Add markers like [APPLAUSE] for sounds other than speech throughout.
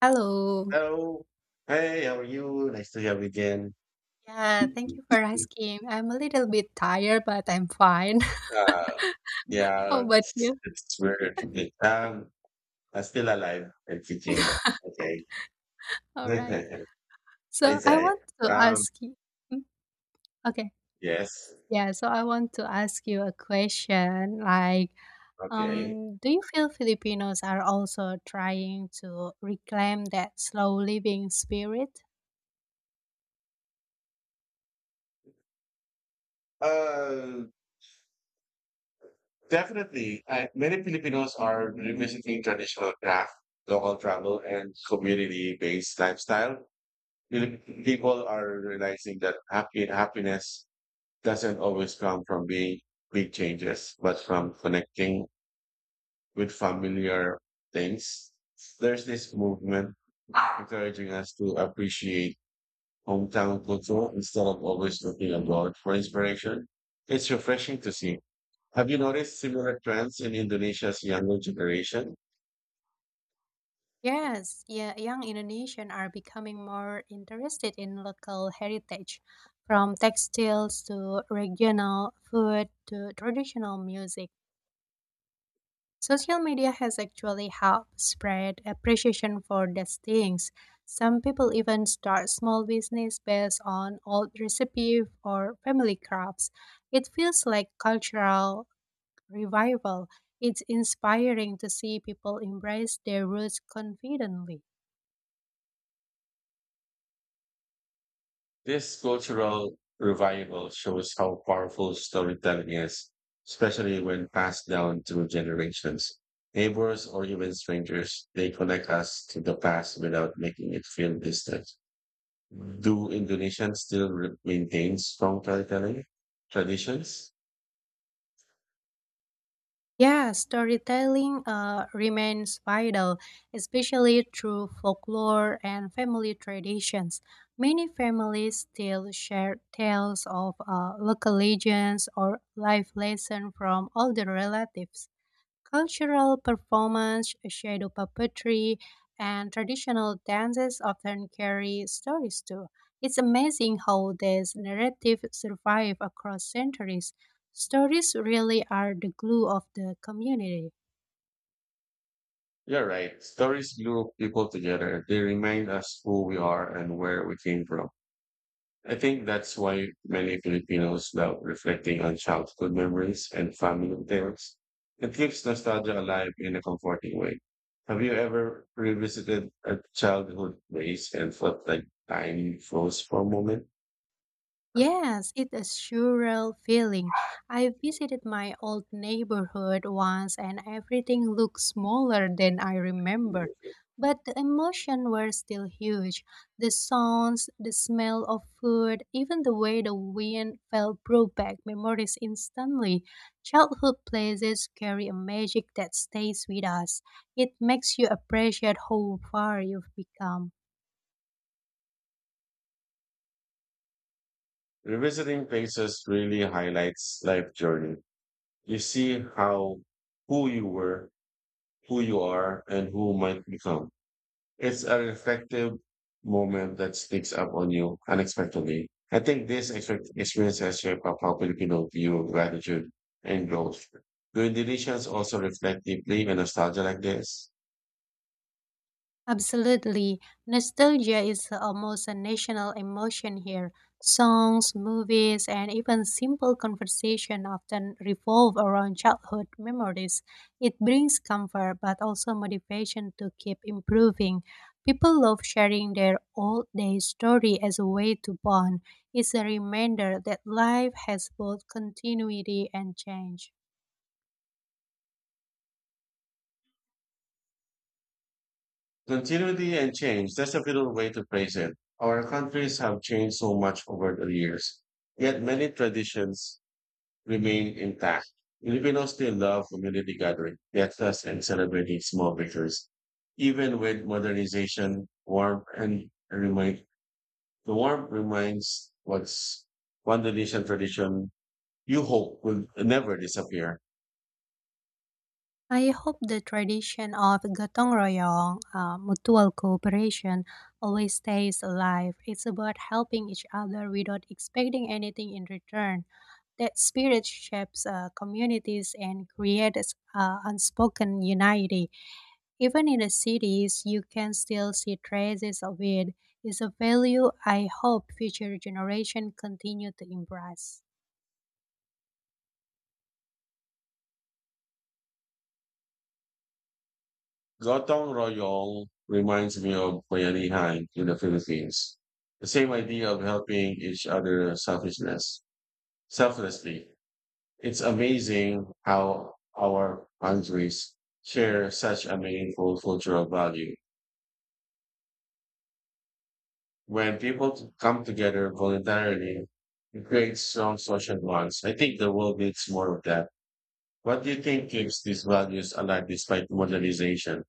Hello. Hello. Hey, how are you? Nice to have you again. Yeah, thank you for asking. I'm a little bit tired, but I'm fine. Uh, [LAUGHS] yeah, How about you? it's weird. Um, I'm still alive and kicking. Okay. All right. [LAUGHS] So It's I a, want to um, ask you. Hmm? Okay. yes. Yeah, so I want to ask you a question like Okay. Do you feel Filipinos are also trying to reclaim that slow living spirit? Uh, Definitely. I, many Filipinos are revisiting traditional craft, local travel, and community-based lifestyle. People are realizing that happy happiness doesn't always come from big changes, but from connecting with familiar things. There's this movement encouraging us to appreciate hometown culture instead of always looking abroad for inspiration. It's refreshing to see. Have you noticed similar trends in Indonesia's younger generation? Yes, yeah, young Indonesians are becoming more interested in local heritage, from textiles to regional food to traditional music. Social media has actually helped spread appreciation for these things. Some people even start small business based on old recipes or family crafts. It feels like cultural revival. It's inspiring to see people embrace their roots confidently. This cultural revival shows how powerful storytelling is, especially when passed down through generations. Neighbors or even strangers, they connect us to the past without making it feel distant. Do Indonesians still maintain strong storytelling traditions? Yeah, storytelling remains vital, especially through folklore and family traditions. Many families still share tales of local legends or life lessons from older relatives. Cultural performance, shadow puppetry, and traditional dances often carry stories too. It's amazing how these narratives survive across centuries. Stories really are the glue of the community. You're right. Stories glue people together. They remind us who we are and where we came from. I think that's why many Filipinos love reflecting on childhood memories and family tales. It keeps nostalgia alive in a comforting way. Have you ever revisited a childhood place and felt like time froze for a moment? Yes, it's a surreal feeling. I visited my old neighborhood once and everything looked smaller than I remembered. But the emotion were still huge. The sounds, the smell of food, even the way the wind felt brought back memories instantly. Childhood places carry a magic that stays with us. It makes you appreciate how far you've become. Revisiting places really highlights life journey. You see how who you were, who you are, and who might become. It's a reflective moment that sneaks up on you unexpectedly. I think this experience has shaped up how Filipino view of gratitude and growth. Do Indonesians also reflect deeply on nostalgia like this? Absolutely. Nostalgia is almost a national emotion here. Songs, movies, and even simple conversation often revolve around childhood memories. It brings comfort but also motivation to keep improving. People love sharing their old day story as a way to bond. It's a reminder that life has both continuity and change. Continuity and change, that's a little way to phrase it. Our countries have changed so much over the years, yet many traditions remain intact. Filipinos still love community gathering, fiestas, and celebrating small victories. Even with modernization, warmth and remind the warmth reminds what's one Indonesian tradition you hope will never disappear. I hope the tradition of Gotong Royong, mutual cooperation, always stays alive. It's about helping each other without expecting anything in return. That spirit shapes communities and creates unspoken unity. Even in the cities, you can still see traces of it. It's a value I hope future generations continue to embrace. Gotong Royong reminds me of Bayanihan in the Philippines. The same idea of helping each other selflessly. It's amazing how our countries share such a meaningful cultural value. When people come together voluntarily, it creates strong social bonds. I think the world needs more of that. What do you think keeps these values alive despite modernization?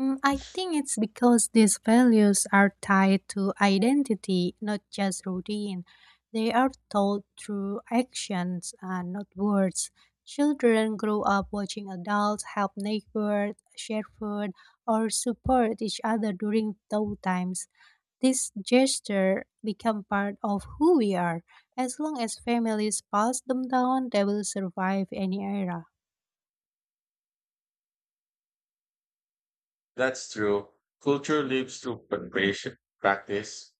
Mm, I think it's because these values are tied to identity, not just routine. They are taught through actions and not words. Children grow up watching adults help neighbors, share food, or support each other during tough times. These gestures become part of who we are. As long as families pass them down, they will survive any era. That's true. Culture lives through preparation, practice,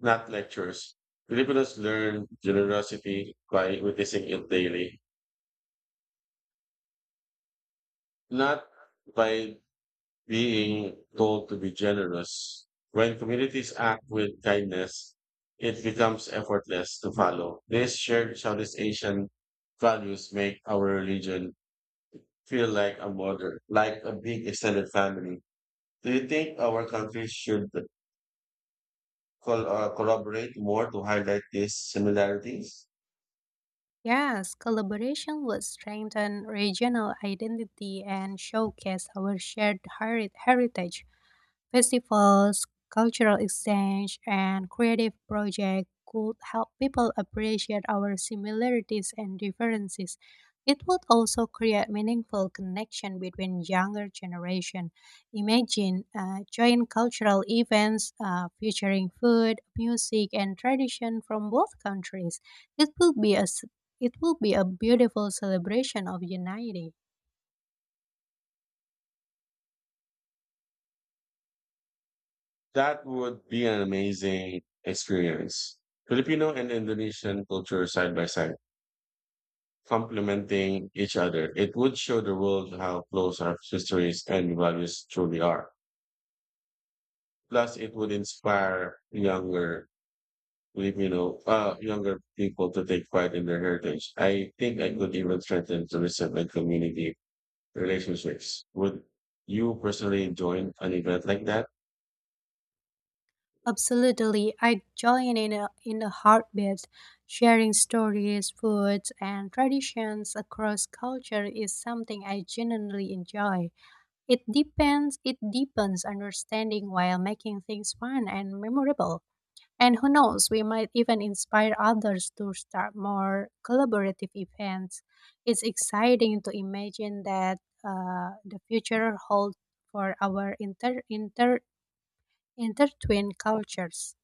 not lectures. Filipinos learn generosity by witnessing it daily, not by being told to be generous. When communities act with kindness, it becomes effortless to follow. These shared Southeast Asian values make our religion feel like a mother, like a big extended family. Do you think our country should collaborate more to highlight these similarities? Yes, collaboration would strengthen regional identity and showcase our shared heritage. Festivals, cultural exchange, and creative projects could help people appreciate our similarities and differences. It would also create meaningful connection between younger generation. Imagine joint cultural events featuring food, music, and tradition from both countries. It will be a s- it will be a beautiful celebration of unity. That would be an amazing experience. Filipino and Indonesian culture side by side, complementing each other. It would show the world how close our histories and values truly are. Plus, it would inspire younger people to take pride in their heritage. I think I could even strengthen tourism and community relationships. Would you personally join an event like that? Absolutely, I join in a heartbeat. Sharing stories, foods, and traditions across culture is something I genuinely enjoy. It depends. It deepens understanding while making things fun and memorable. And who knows, we might even inspire others to start more collaborative events. It's exciting to imagine that the future holds for our intertwined cultures.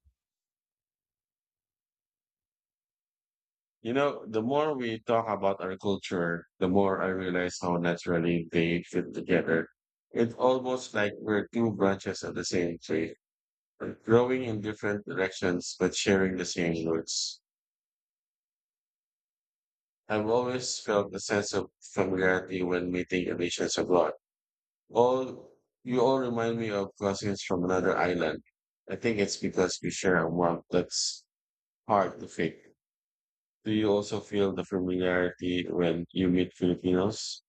You know, the more we talk about our culture, the more I realize how naturally they fit together. It's almost like we're two branches of the same tree growing in different directions but sharing the same roots. I've always felt a sense of familiarity when meeting Asians abroad. All You all remind me of cousins from another island. I think it's because we share a warmth that's hard to fake. Do you also feel the familiarity when you meet Filipinos?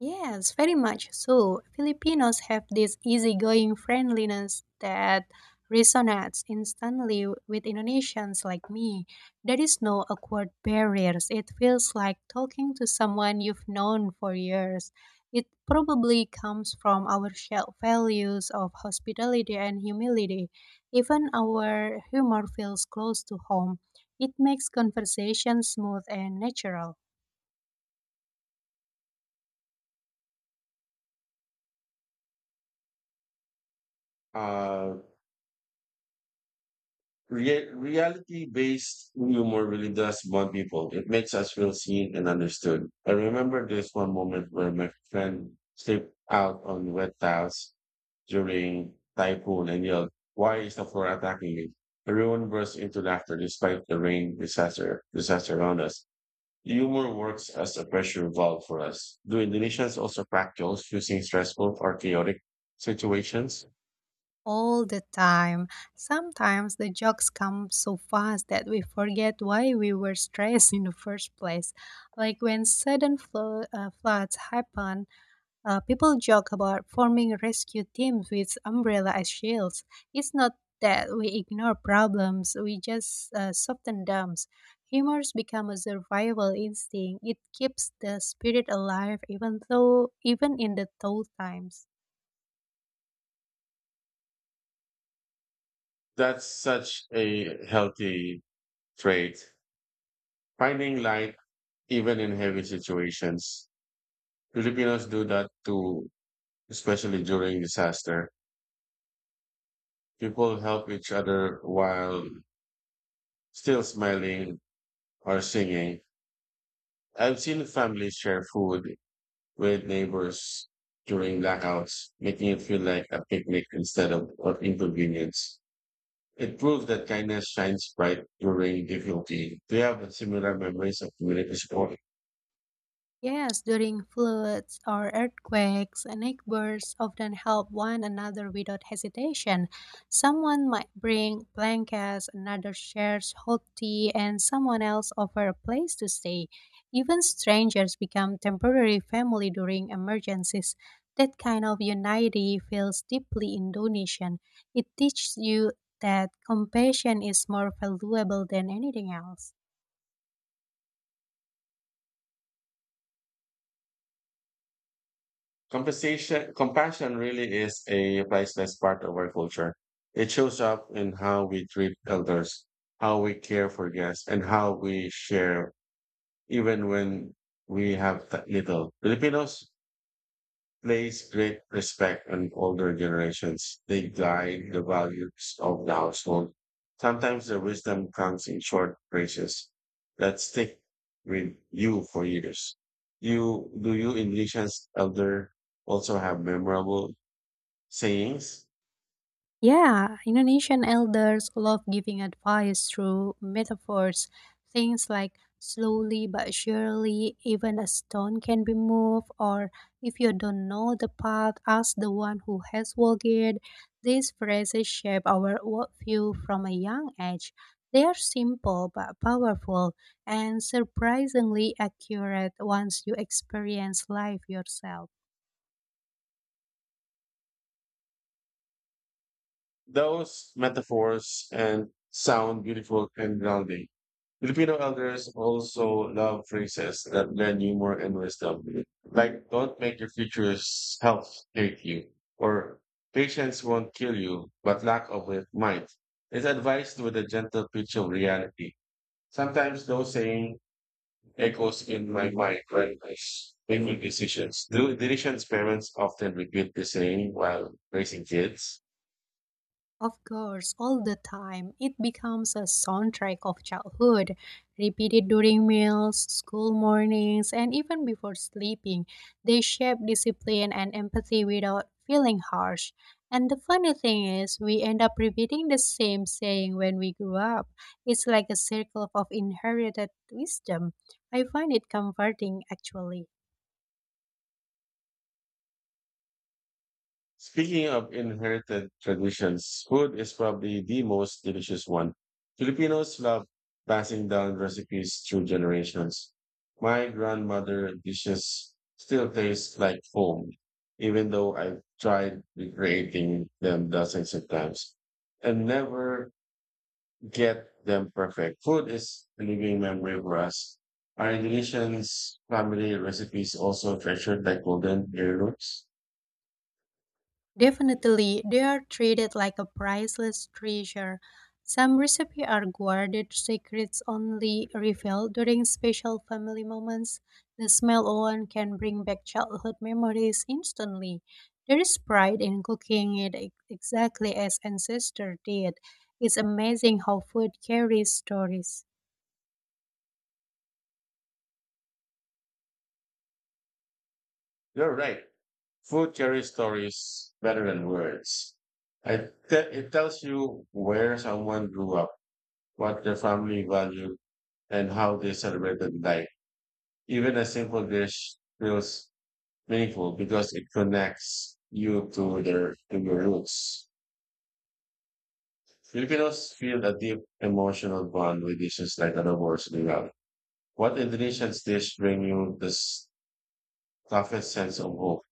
Yes, very much so. Filipinos have this easygoing friendliness that resonates instantly with Indonesians like me. There is no awkward barriers. It feels like talking to someone you've known for years. It probably comes from our shared values of hospitality and humility. Even our humor feels close to home. It makes conversation smooth and natural. Uh, Reality-based humor really does bond people. It makes us feel seen and understood. I remember this one moment where my friend slipped out on wet tiles during typhoon and yelled, "Why is the floor attacking me?" Everyone burst into laughter despite the rain disaster around us. Humor works as a pressure valve for us. Do Indonesians also practice using stressful or chaotic situations? All the time. Sometimes the jokes come so fast that we forget why we were stressed in the first place. Like when sudden floods happen, people joke about forming rescue teams with umbrella as shields. It's not that we ignore problems, we just soften them. Humors become a survival instinct. It keeps the spirit alive even in the tough times. That's such a healthy trait, finding light even in heavy situations. Filipinos do that too, especially during disaster. People help each other while still smiling or singing. I've seen families share food with neighbors during blackouts, making it feel like a picnic instead of inconvenience. It proves that kindness shines bright during difficulty. Do you have similar memories of community support? Yes, during floods or earthquakes, neighbors often help one another without hesitation. Someone might bring blankets, another shares hot tea, and someone else offers a place to stay. Even strangers become temporary family during emergencies. That kind of unity feels deeply Indonesian. It teaches you that compassion is more valuable than anything else. Compassion really is a priceless part of our culture. It shows up in how we treat elders, how we care for guests, and how we share even when we have little. Filipinos place great respect on older generations. They guide the values of the household. Sometimes their wisdom comes in short phrases that stick with you for years. You do you Indonesians elder also have memorable sayings? Yeah, Indonesian elders love giving advice through metaphors, things like slowly but surely, even a stone can be moved, or if you don't know the path, ask the one who has walked it. These phrases shape our worldview from a young age. They are simple but powerful and surprisingly accurate once you experience life yourself. Those metaphors and sound beautiful and grounding. Filipino elders also love phrases that lend humor and wisdom, like "Don't make your future's health hate you," or "Patience won't kill you, but lack of it might." It's advised with a gentle pitch of reality. Sometimes those saying echoes in my mind when making decisions. Do Delicious parents often repeat the saying while raising kids? Of course, all the time. It becomes a soundtrack of childhood, repeated during meals, school mornings, and even before sleeping. They shape discipline and empathy without feeling harsh. And the funny thing is, we end up repeating the same saying when we grew up. It's like a circle of inherited wisdom. I find it comforting, actually. Speaking of inherited traditions, food is probably the most delicious one. Filipinos love passing down recipes through generations. My grandmother dishes still taste like home, even though I've tried recreating them dozens of times and never get them perfect. Food is a living memory for us. Our Indonesian's family recipes also treasured like golden heirlooms. Definitely, they are treated like a priceless treasure. Some recipes are guarded secrets only revealed during special family moments. The smell alone can bring back childhood memories instantly. There is pride in cooking it exactly as ancestors did. It's amazing how food carries stories. You're right. Food carries stories better than words. It tells you where someone grew up, what their family valued, and how they celebrated life. Even a simple dish feels meaningful because it connects you to their to your roots. Filipinos feel a deep emotional bond with dishes like adobos nilaw. What Indonesian dish bring you the toughest sense of hope?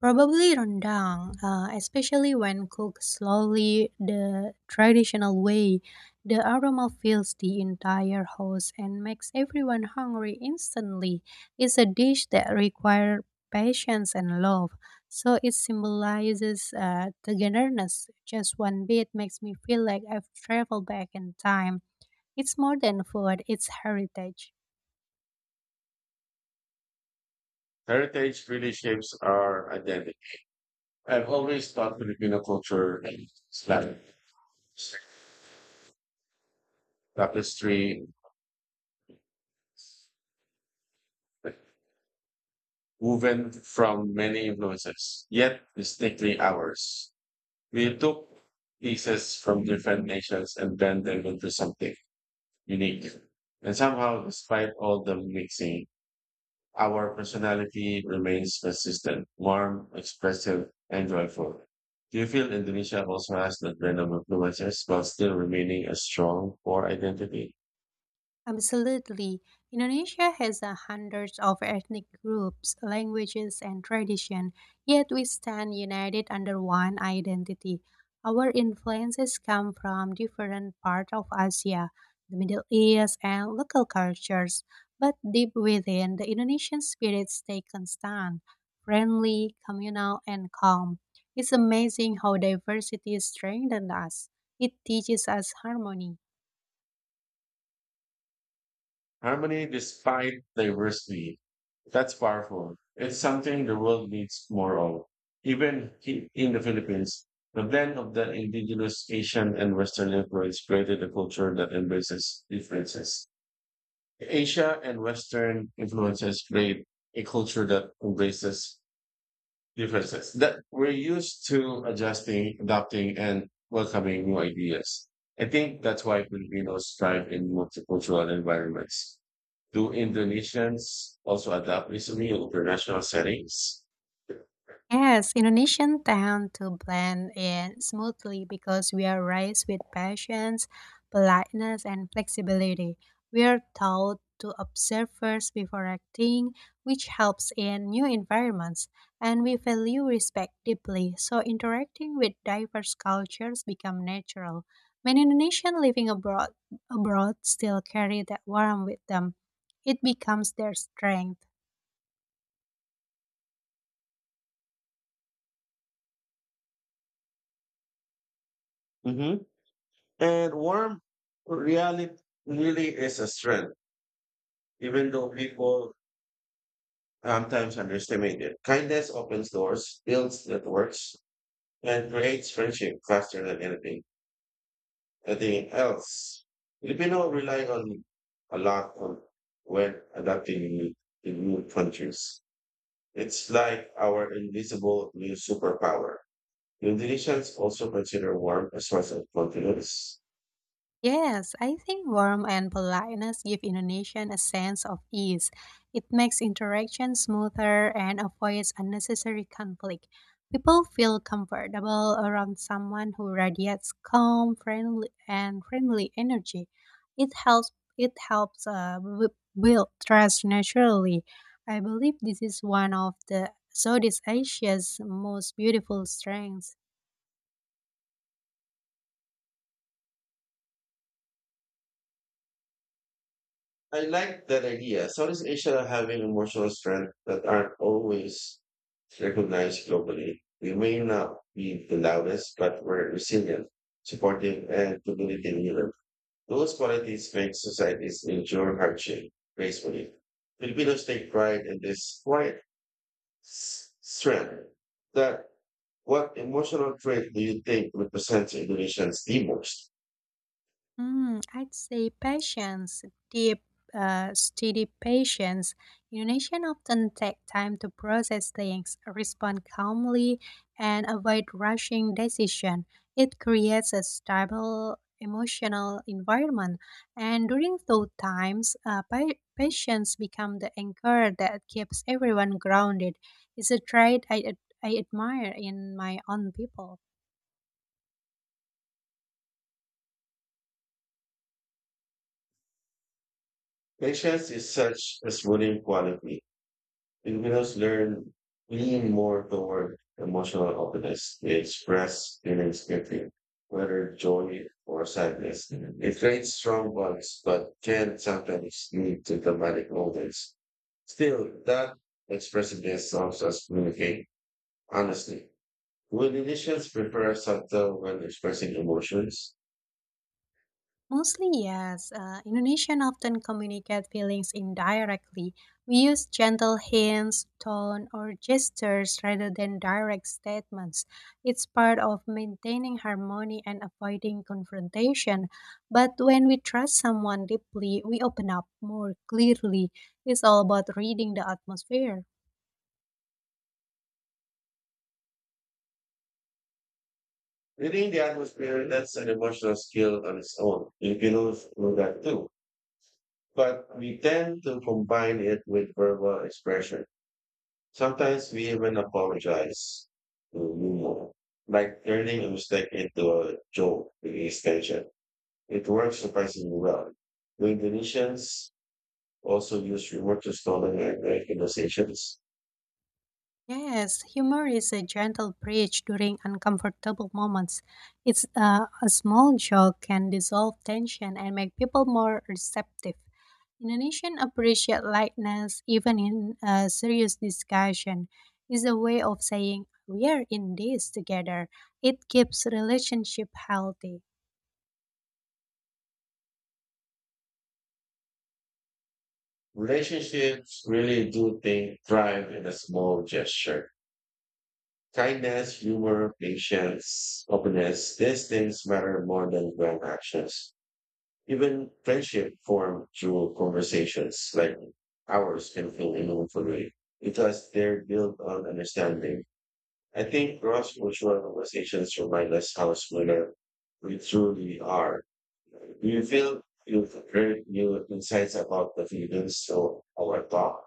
Probably rendang, especially when cooked slowly the traditional way. The aroma fills the entire house and makes everyone hungry instantly. It's a dish that requires patience and love, so it symbolizes togetherness. Just one bit makes me feel like I've traveled back in time. It's more than food, it's heritage. Heritage really shapes our identity. I've always thought Filipino culture is like tapestry woven from many influences, yet distinctly ours. We took pieces from different nations and blend them into something unique. And somehow, despite all the mixing, our personality remains consistent, warm, expressive, and joyful. Do you feel Indonesia also has that blend of influences while still remaining a strong core identity? Absolutely. Indonesia has a hundreds of ethnic groups, languages, and tradition, yet we stand united under one identity. Our influences come from different parts of Asia, the Middle East, and local cultures, but deep within, the Indonesian spirit stays constant, friendly, communal, and calm. It's amazing how diversity strengthens us. It teaches us harmony. Harmony despite diversity. That's powerful. It's something the world needs more of. Even in the Philippines, the blend of the indigenous Asian and Western influence created a culture that embraces differences. Asia and Western influences create a culture that embraces differences that we're used to adjusting, adapting, and welcoming new ideas. I think that's why Filipinos thrive in multicultural environments. Do Indonesians also adapt easily in international settings? Yes, Indonesian tend to blend in smoothly because we are raised with patience, politeness, and flexibility. We are taught to observe first before acting, which helps in new environments, and we value respect deeply, so interacting with diverse cultures become natural. Many Indonesian living abroad still carry that warmth with them. It becomes their strength. Hmm. And warm reality really is a strength, even though people sometimes underestimated. Kindness opens doors, builds networks, and creates friendship faster than anything else. Filipino rely on a lot on when adapting in new countries. It's like our invisible new superpower. Indonesians also consider warmth a source of confidence. Yes, I think warmth and politeness give Indonesian a sense of ease. It makes interaction smoother and avoids unnecessary conflict. People feel comfortable around someone who radiates calm, friendly energy. It helps. It helps build trust naturally. I believe this is one of the Southeast Asia's most beautiful strengths. I like that idea. Southeast Asia having emotional strength that aren't always recognized globally. We may not be the loudest, but we're resilient, supportive, and community leader. Those qualities make societies endure hardship gracefully. Filipinos take pride in this quiet strength. That What emotional trait do you think represents Indonesians the most? Mm, I'd say patience, deep, steady patience. Indonesians often take time to process things, respond calmly, and avoid rushing decision. It creates a stable emotional environment, and during those times, patience becomes the anchor that keeps everyone grounded. It's a trait I admire in my own people. Patience is such a smoothing quality. Filipinos learn lean more toward emotional openness. They express feelings quickly, whether joy or sadness. It creates strong bonds, but can sometimes lead to dramatic moments. Still, that expressiveness helps us communicate honestly. Would Indonesians prefer subtle when expressing emotions? Mostly, yes. Indonesian often communicate feelings indirectly. We use gentle hints, tone, or gestures rather than direct statements. It's part of maintaining harmony and avoiding confrontation. But when we trust someone deeply, we open up more clearly. It's all about reading the atmosphere. Reading the atmosphere, that's an emotional skill on its own. Filipinos know that too, but we tend to combine it with verbal expression. Sometimes we even apologize to humor, like turning a mistake into a joke with extension. It works surprisingly well. The Indonesians also use humor to stolen and great conversations. Yes, humor is a gentle bridge during uncomfortable moments. It's a small joke can dissolve tension and make people more receptive. Indonesian appreciate lightness even in a serious discussion. Is a way of saying we are in this together. It keeps relationship healthy. Relationships really thrive in a small gesture. Kindness, humor, patience, openness, these things matter more than grand actions. Even friendship formed through conversations like ours can feel meaningful way because they're built on understanding. I think cross-cultural conversations remind us how similar we truly are. Do you feel you've heard new insights about the feelings of our talk?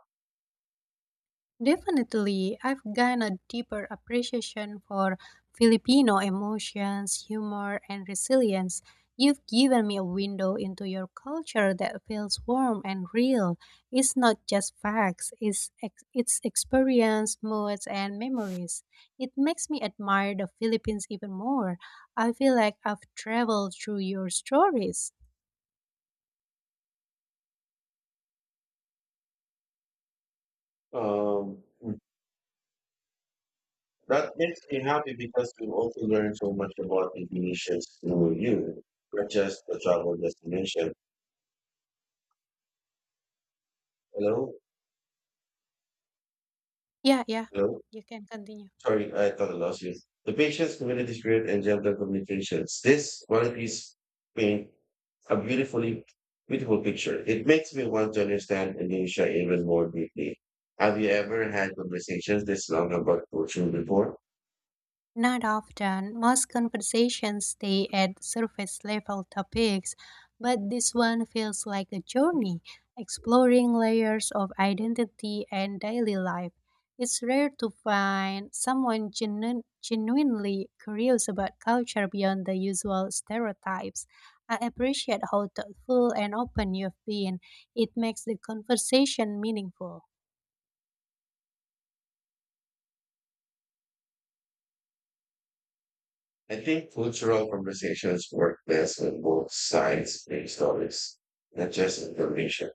Definitely, I've gained a deeper appreciation for Filipino emotions, humor, and resilience. You've given me a window into your culture that feels warm and real. It's not just facts, it's experience, moods, and memories. It makes me admire the Philippines even more. I feel like I've traveled through your stories. Um, that makes me happy because we also learn so much about the Indonesians through you, not just the travel destination. Hello? Yeah, yeah, Hello? you can continue. Sorry, I thought I lost you. The patient's community spirit and gentle communications. This qualities paint a beautiful picture. It makes me want to understand Indonesia even more deeply. Have you ever had conversations this long about culture before? Not often. Most conversations stay at surface level topics, but this one feels like a journey, exploring layers of identity and daily life. It's rare to find someone genuinely curious about culture beyond the usual stereotypes. I appreciate how thoughtful and open you've been. It makes the conversation meaningful. I think cultural conversations work best when both sides make stories, not just information.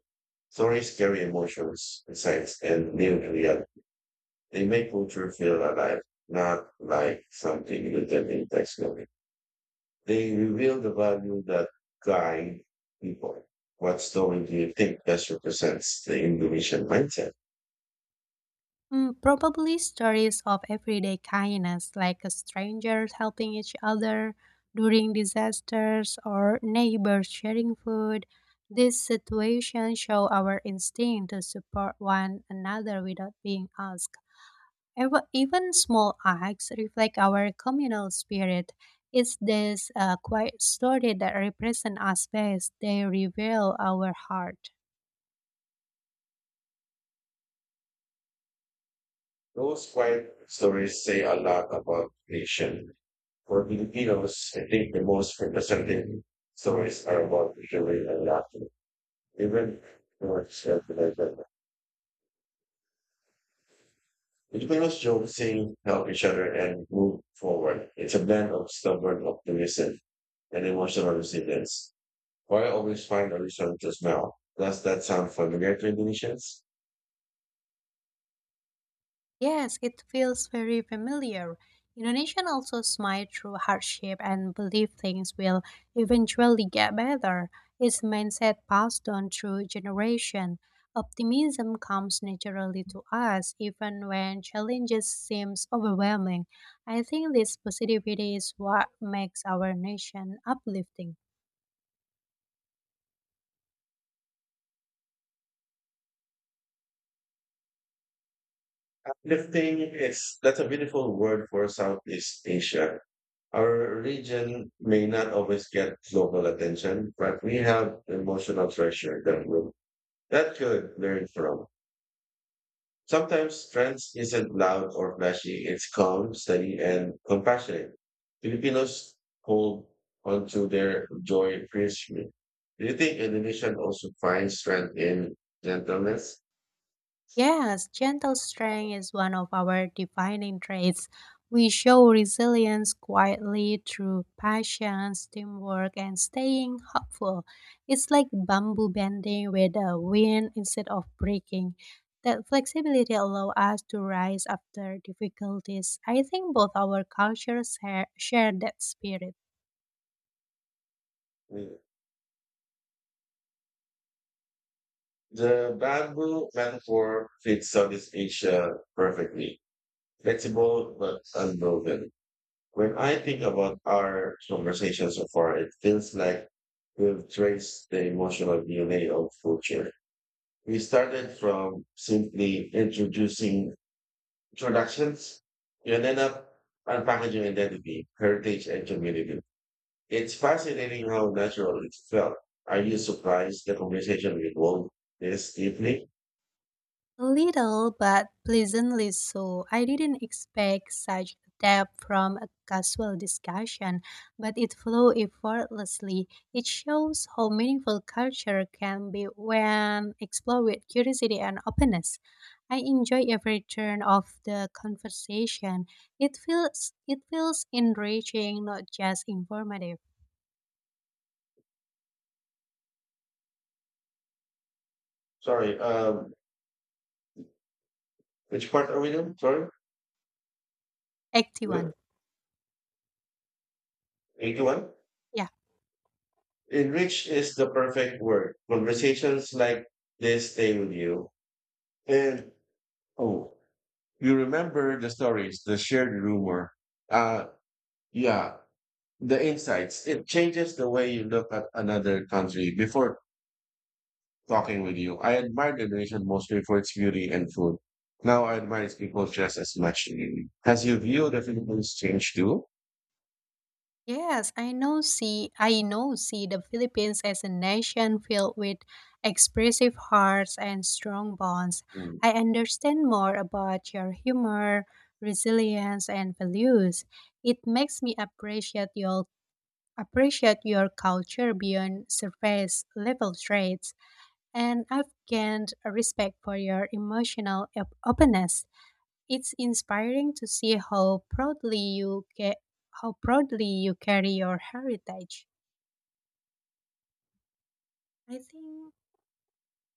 Stories carry emotions, insights, and new reality. They make culture feel alive, not like something written in textbook. They reveal the value that guide people. What story do you think best represents the Indonesian mindset? Mm, probably stories of everyday kindness, like strangers helping each other during disasters or neighbors sharing food. These situations show our instinct to support one another without being asked. Even small acts reflect our communal spirit. It's this quiet story that represent us best. They reveal our heart. Those quiet stories say a lot about nation. For Filipinos, I think the most representative stories are about joy and laughter. Even more self-reliant. Filipinos joke, sing, help each other, and move forward. It's a blend of stubborn optimism and emotional resilience. Why I always find a reason to smile? Does that sound familiar to Indonesians? Yes, it feels very familiar. Indonesians also smile through hardship and believe things will eventually get better. It's mindset passed on through generation. Optimism comes naturally to us even when challenges seems overwhelming. I think this positivity is what makes our nation uplifting. Uplifting is That's a beautiful word for Southeast Asia. Our region may not always get global attention, but we have emotional treasure that could learn from. Sometimes strength isn't loud or flashy, it's calm, steady, and compassionate. Filipinos hold onto their joy fiercely. Do you think Indonesian also finds strength in gentleness? Yes, gentle strength is one of our defining traits. We show resilience quietly through patience, teamwork, and staying hopeful. It's like bamboo bending with the wind instead of breaking. That flexibility allows us to rise after difficulties. I think both our cultures share that spirit. Mm. The bamboo metaphor fits Southeast Asia perfectly, flexible but unwoven. When I think about our conversation so far, it feels like we've traced the emotional DNA of culture. We started from simply introducing introductions, you ended up unpackaging identity, heritage, and community. It's fascinating how natural it felt. Are you surprised the conversation will evolve this deeply? A little but pleasantly so. I didn't expect such depth from a casual discussion, but it flowed effortlessly. It shows how meaningful culture can be when explored with curiosity and openness. I enjoy every turn of the conversation. It feels enriching, not just informative. Sorry, which part are we doing? Sorry, Active yeah, one. 81? Yeah. Enrich is the perfect word. Conversations like this stay with you. And, oh, you remember the stories, the shared rumor. Uh, yeah, the insights. It changes the way you look at another country. Before talking with you, I admired the nation mostly for its beauty and food. Now I admire its people just as much. Has your view of the Philippines changed too? Yes, I know see the Philippines as a nation filled with expressive hearts and strong bonds. Mm. I understand more about your humor, resilience and values. It makes me appreciate your culture beyond surface level traits and I've gained a respect for your emotional openness. It's inspiring to see how proudly you carry your heritage. I think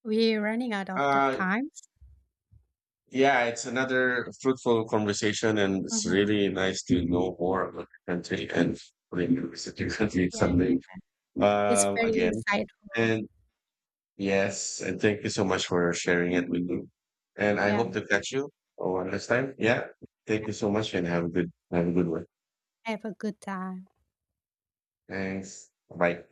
we're running out of the Uh, times. yeah, it's another fruitful conversation, and it's Mhm. really nice to know more about the country and revisit your country Yeah, someday, it's very again. insightful. And yes, and thank you so much for sharing it with me. And I Yeah, hope to catch you one last time. Yeah. Thank you so much and have a good one. have a good time. Thanks. Bye.